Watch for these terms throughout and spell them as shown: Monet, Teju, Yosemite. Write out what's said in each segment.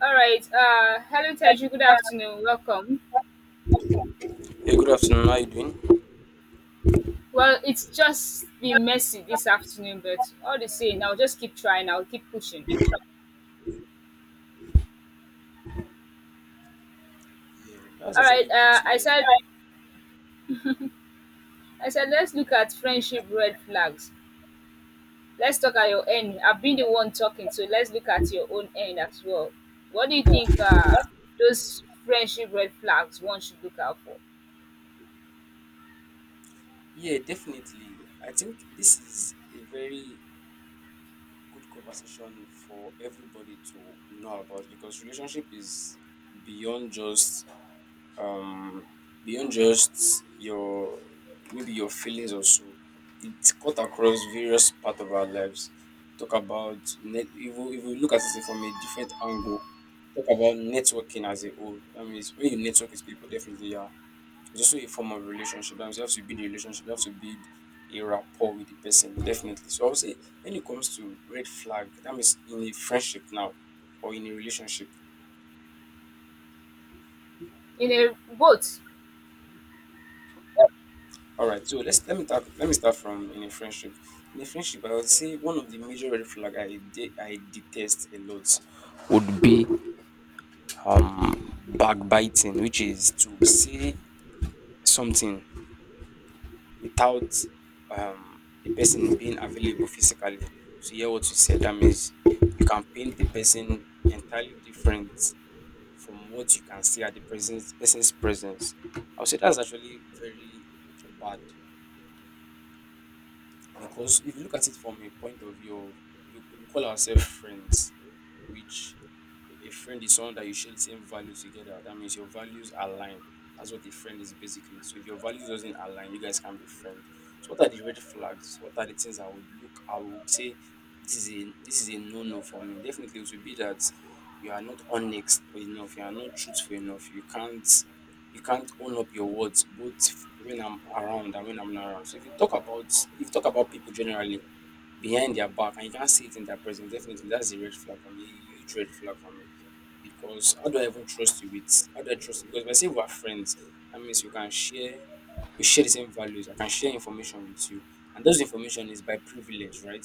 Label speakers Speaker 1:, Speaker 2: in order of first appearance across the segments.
Speaker 1: All right. Hello, Teju. Good
Speaker 2: Yeah,
Speaker 1: afternoon. Welcome.
Speaker 2: good afternoon. How are you doing?
Speaker 1: Well, it's just been messy this afternoon, but all the same, I'll just keep trying. I'll keep pushing.
Speaker 2: Yeah, that's
Speaker 1: All right.
Speaker 2: actually good to hear.
Speaker 1: I said, let's look at friendship red flags. Let's talk at your end. I've been the one talking, so let's look at your own end as well. What do you think? Those friendship red flags one should look out for
Speaker 2: Yeah, definitely. I think this is a very good conversation for everybody to know about, because relationship is beyond just um beyond just your maybe your feelings also. It cut across various part of our lives. Talk about net, if you look at it from a different angle. Talk about networking as a whole. That means when you network with people, definitely, yeah, it's also a form of relationship. That means you have to build a relationship, you have to build a rapport with the person, definitely. So I would say when it comes to red flag, that means in a friendship now or in a relationship.
Speaker 1: in a boat.
Speaker 2: All right, so let me talk. Let me start from in a friendship. In a friendship, I would say one of the major red flag I detest a lot would be backbiting, which is to say something without the person being available physically to hear what you said. That means you can paint the person entirely different from what you can see at the presence, person's presence. I would say that's actually very bad. Because if you look at it from a point of view of, we call ourselves friends, which, a friend is someone that you share the same value together. That means your values align. That's what a friend is basically. So if your values doesn't align, you guys can't be friends. So what are the red flags? What are the things I would look? I would say this is a no no for me. Definitely, it would be that you are not honest enough. You are not truthful enough. You can't own up your words both when I'm around and when I'm not around. So if you talk about people generally behind their back and you can't see it in their presence, definitely that's a red flag for me, a huge red flag for me. Because how do I trust you? Because if I say we're friends, that means you can share we share the same values. I can share information with you. And those information is by privilege, right?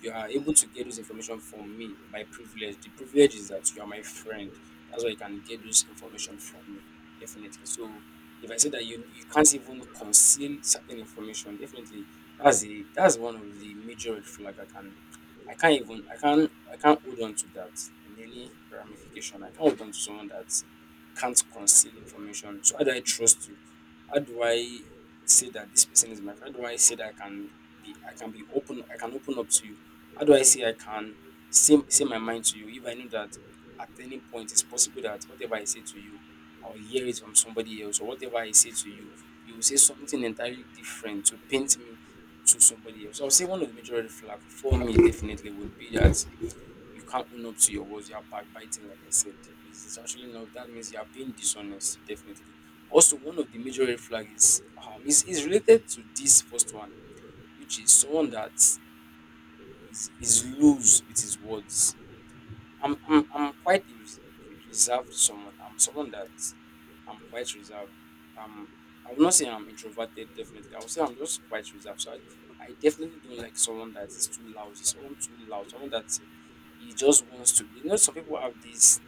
Speaker 2: You are able to get those information from me by privilege. The privilege is that you are my friend. That's why you can get those information from me. Definitely. So if I say that you can't even conceal certain information, definitely that's one of the major red flag. I can't even, I can't hold on to that in any ramification. I can't hold on to someone that can't conceal information. So how do I trust you? How do I say that this person is my friend? How do I say that I can be, I can be open, I can open up to you? How do I say I can say my mind to you if I know that at any point it's possible that whatever I say to you, I'll hear it from somebody else, or whatever I say to you, you will say something entirely different to paint me to somebody else. So I'll say one of the major red flag for me definitely would be that you can't own up to your words. You're backbiting, like I said. It's actually not. That means you're being dishonest, definitely. Also, one of the major red flag is is related to this first one, which is someone that is loose with his words. I'm quite a reserved someone. I'm someone that I'm quite reserved. Um, I would not say I'm introverted. Definitely, I would say I'm just quite reserved. So I definitely don't like someone that is too loud. Someone too loud. Someone that he just wants to, you know, some people have this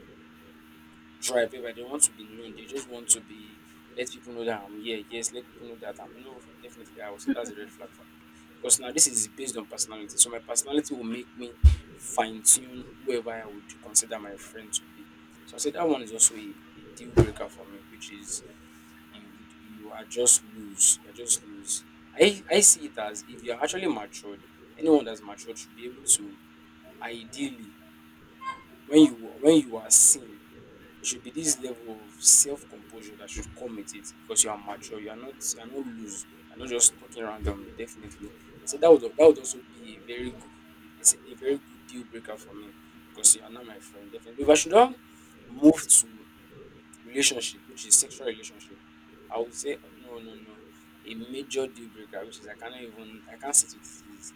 Speaker 2: drive whereby they want to be known, they just want to be, let people know that I'm here, yes, let people know that I'm, no, definitely I will say that's a red flag for me. Because now this is based on personality, so my personality will make me fine-tune whoever I would consider my friend to be. So I say that one is also a deal breaker for me, which is you, you are just loose you're just loose. I see it as if you're actually matured. Anyone that's matured should be able to, ideally, when you are seen, it should be this level of self-composure that should come with it, because you are mature, you are not loose, you're not just talking randomly, definitely. So that would also be a very good, it's a very good deal breaker for me. Because you are not my friend, definitely. If I should not move to relationship, which is sexual relationship, I would say, oh, no, no, no, a major deal breaker, which is, I cannot even, I can't sit with it, is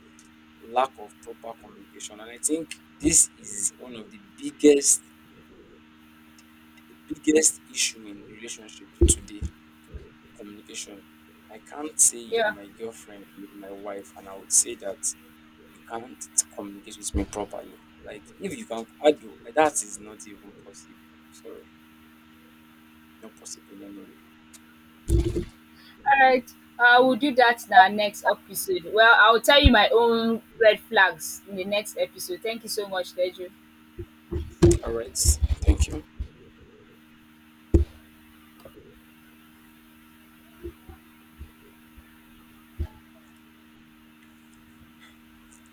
Speaker 2: lack of proper communication. And I think this is one of the biggest issue in relationship today, communication. I can't say you are
Speaker 1: Yeah.
Speaker 2: my girlfriend, you are my wife, and I would say that you can't communicate with me properly. Like if you can, I do. That is not even possible. Sorry, not possible in any way.
Speaker 1: Alright, we'll do that in our next episode. Well, I'll tell you my own red flags in the next episode. Thank you so much, Teju.
Speaker 2: All right. Thank you.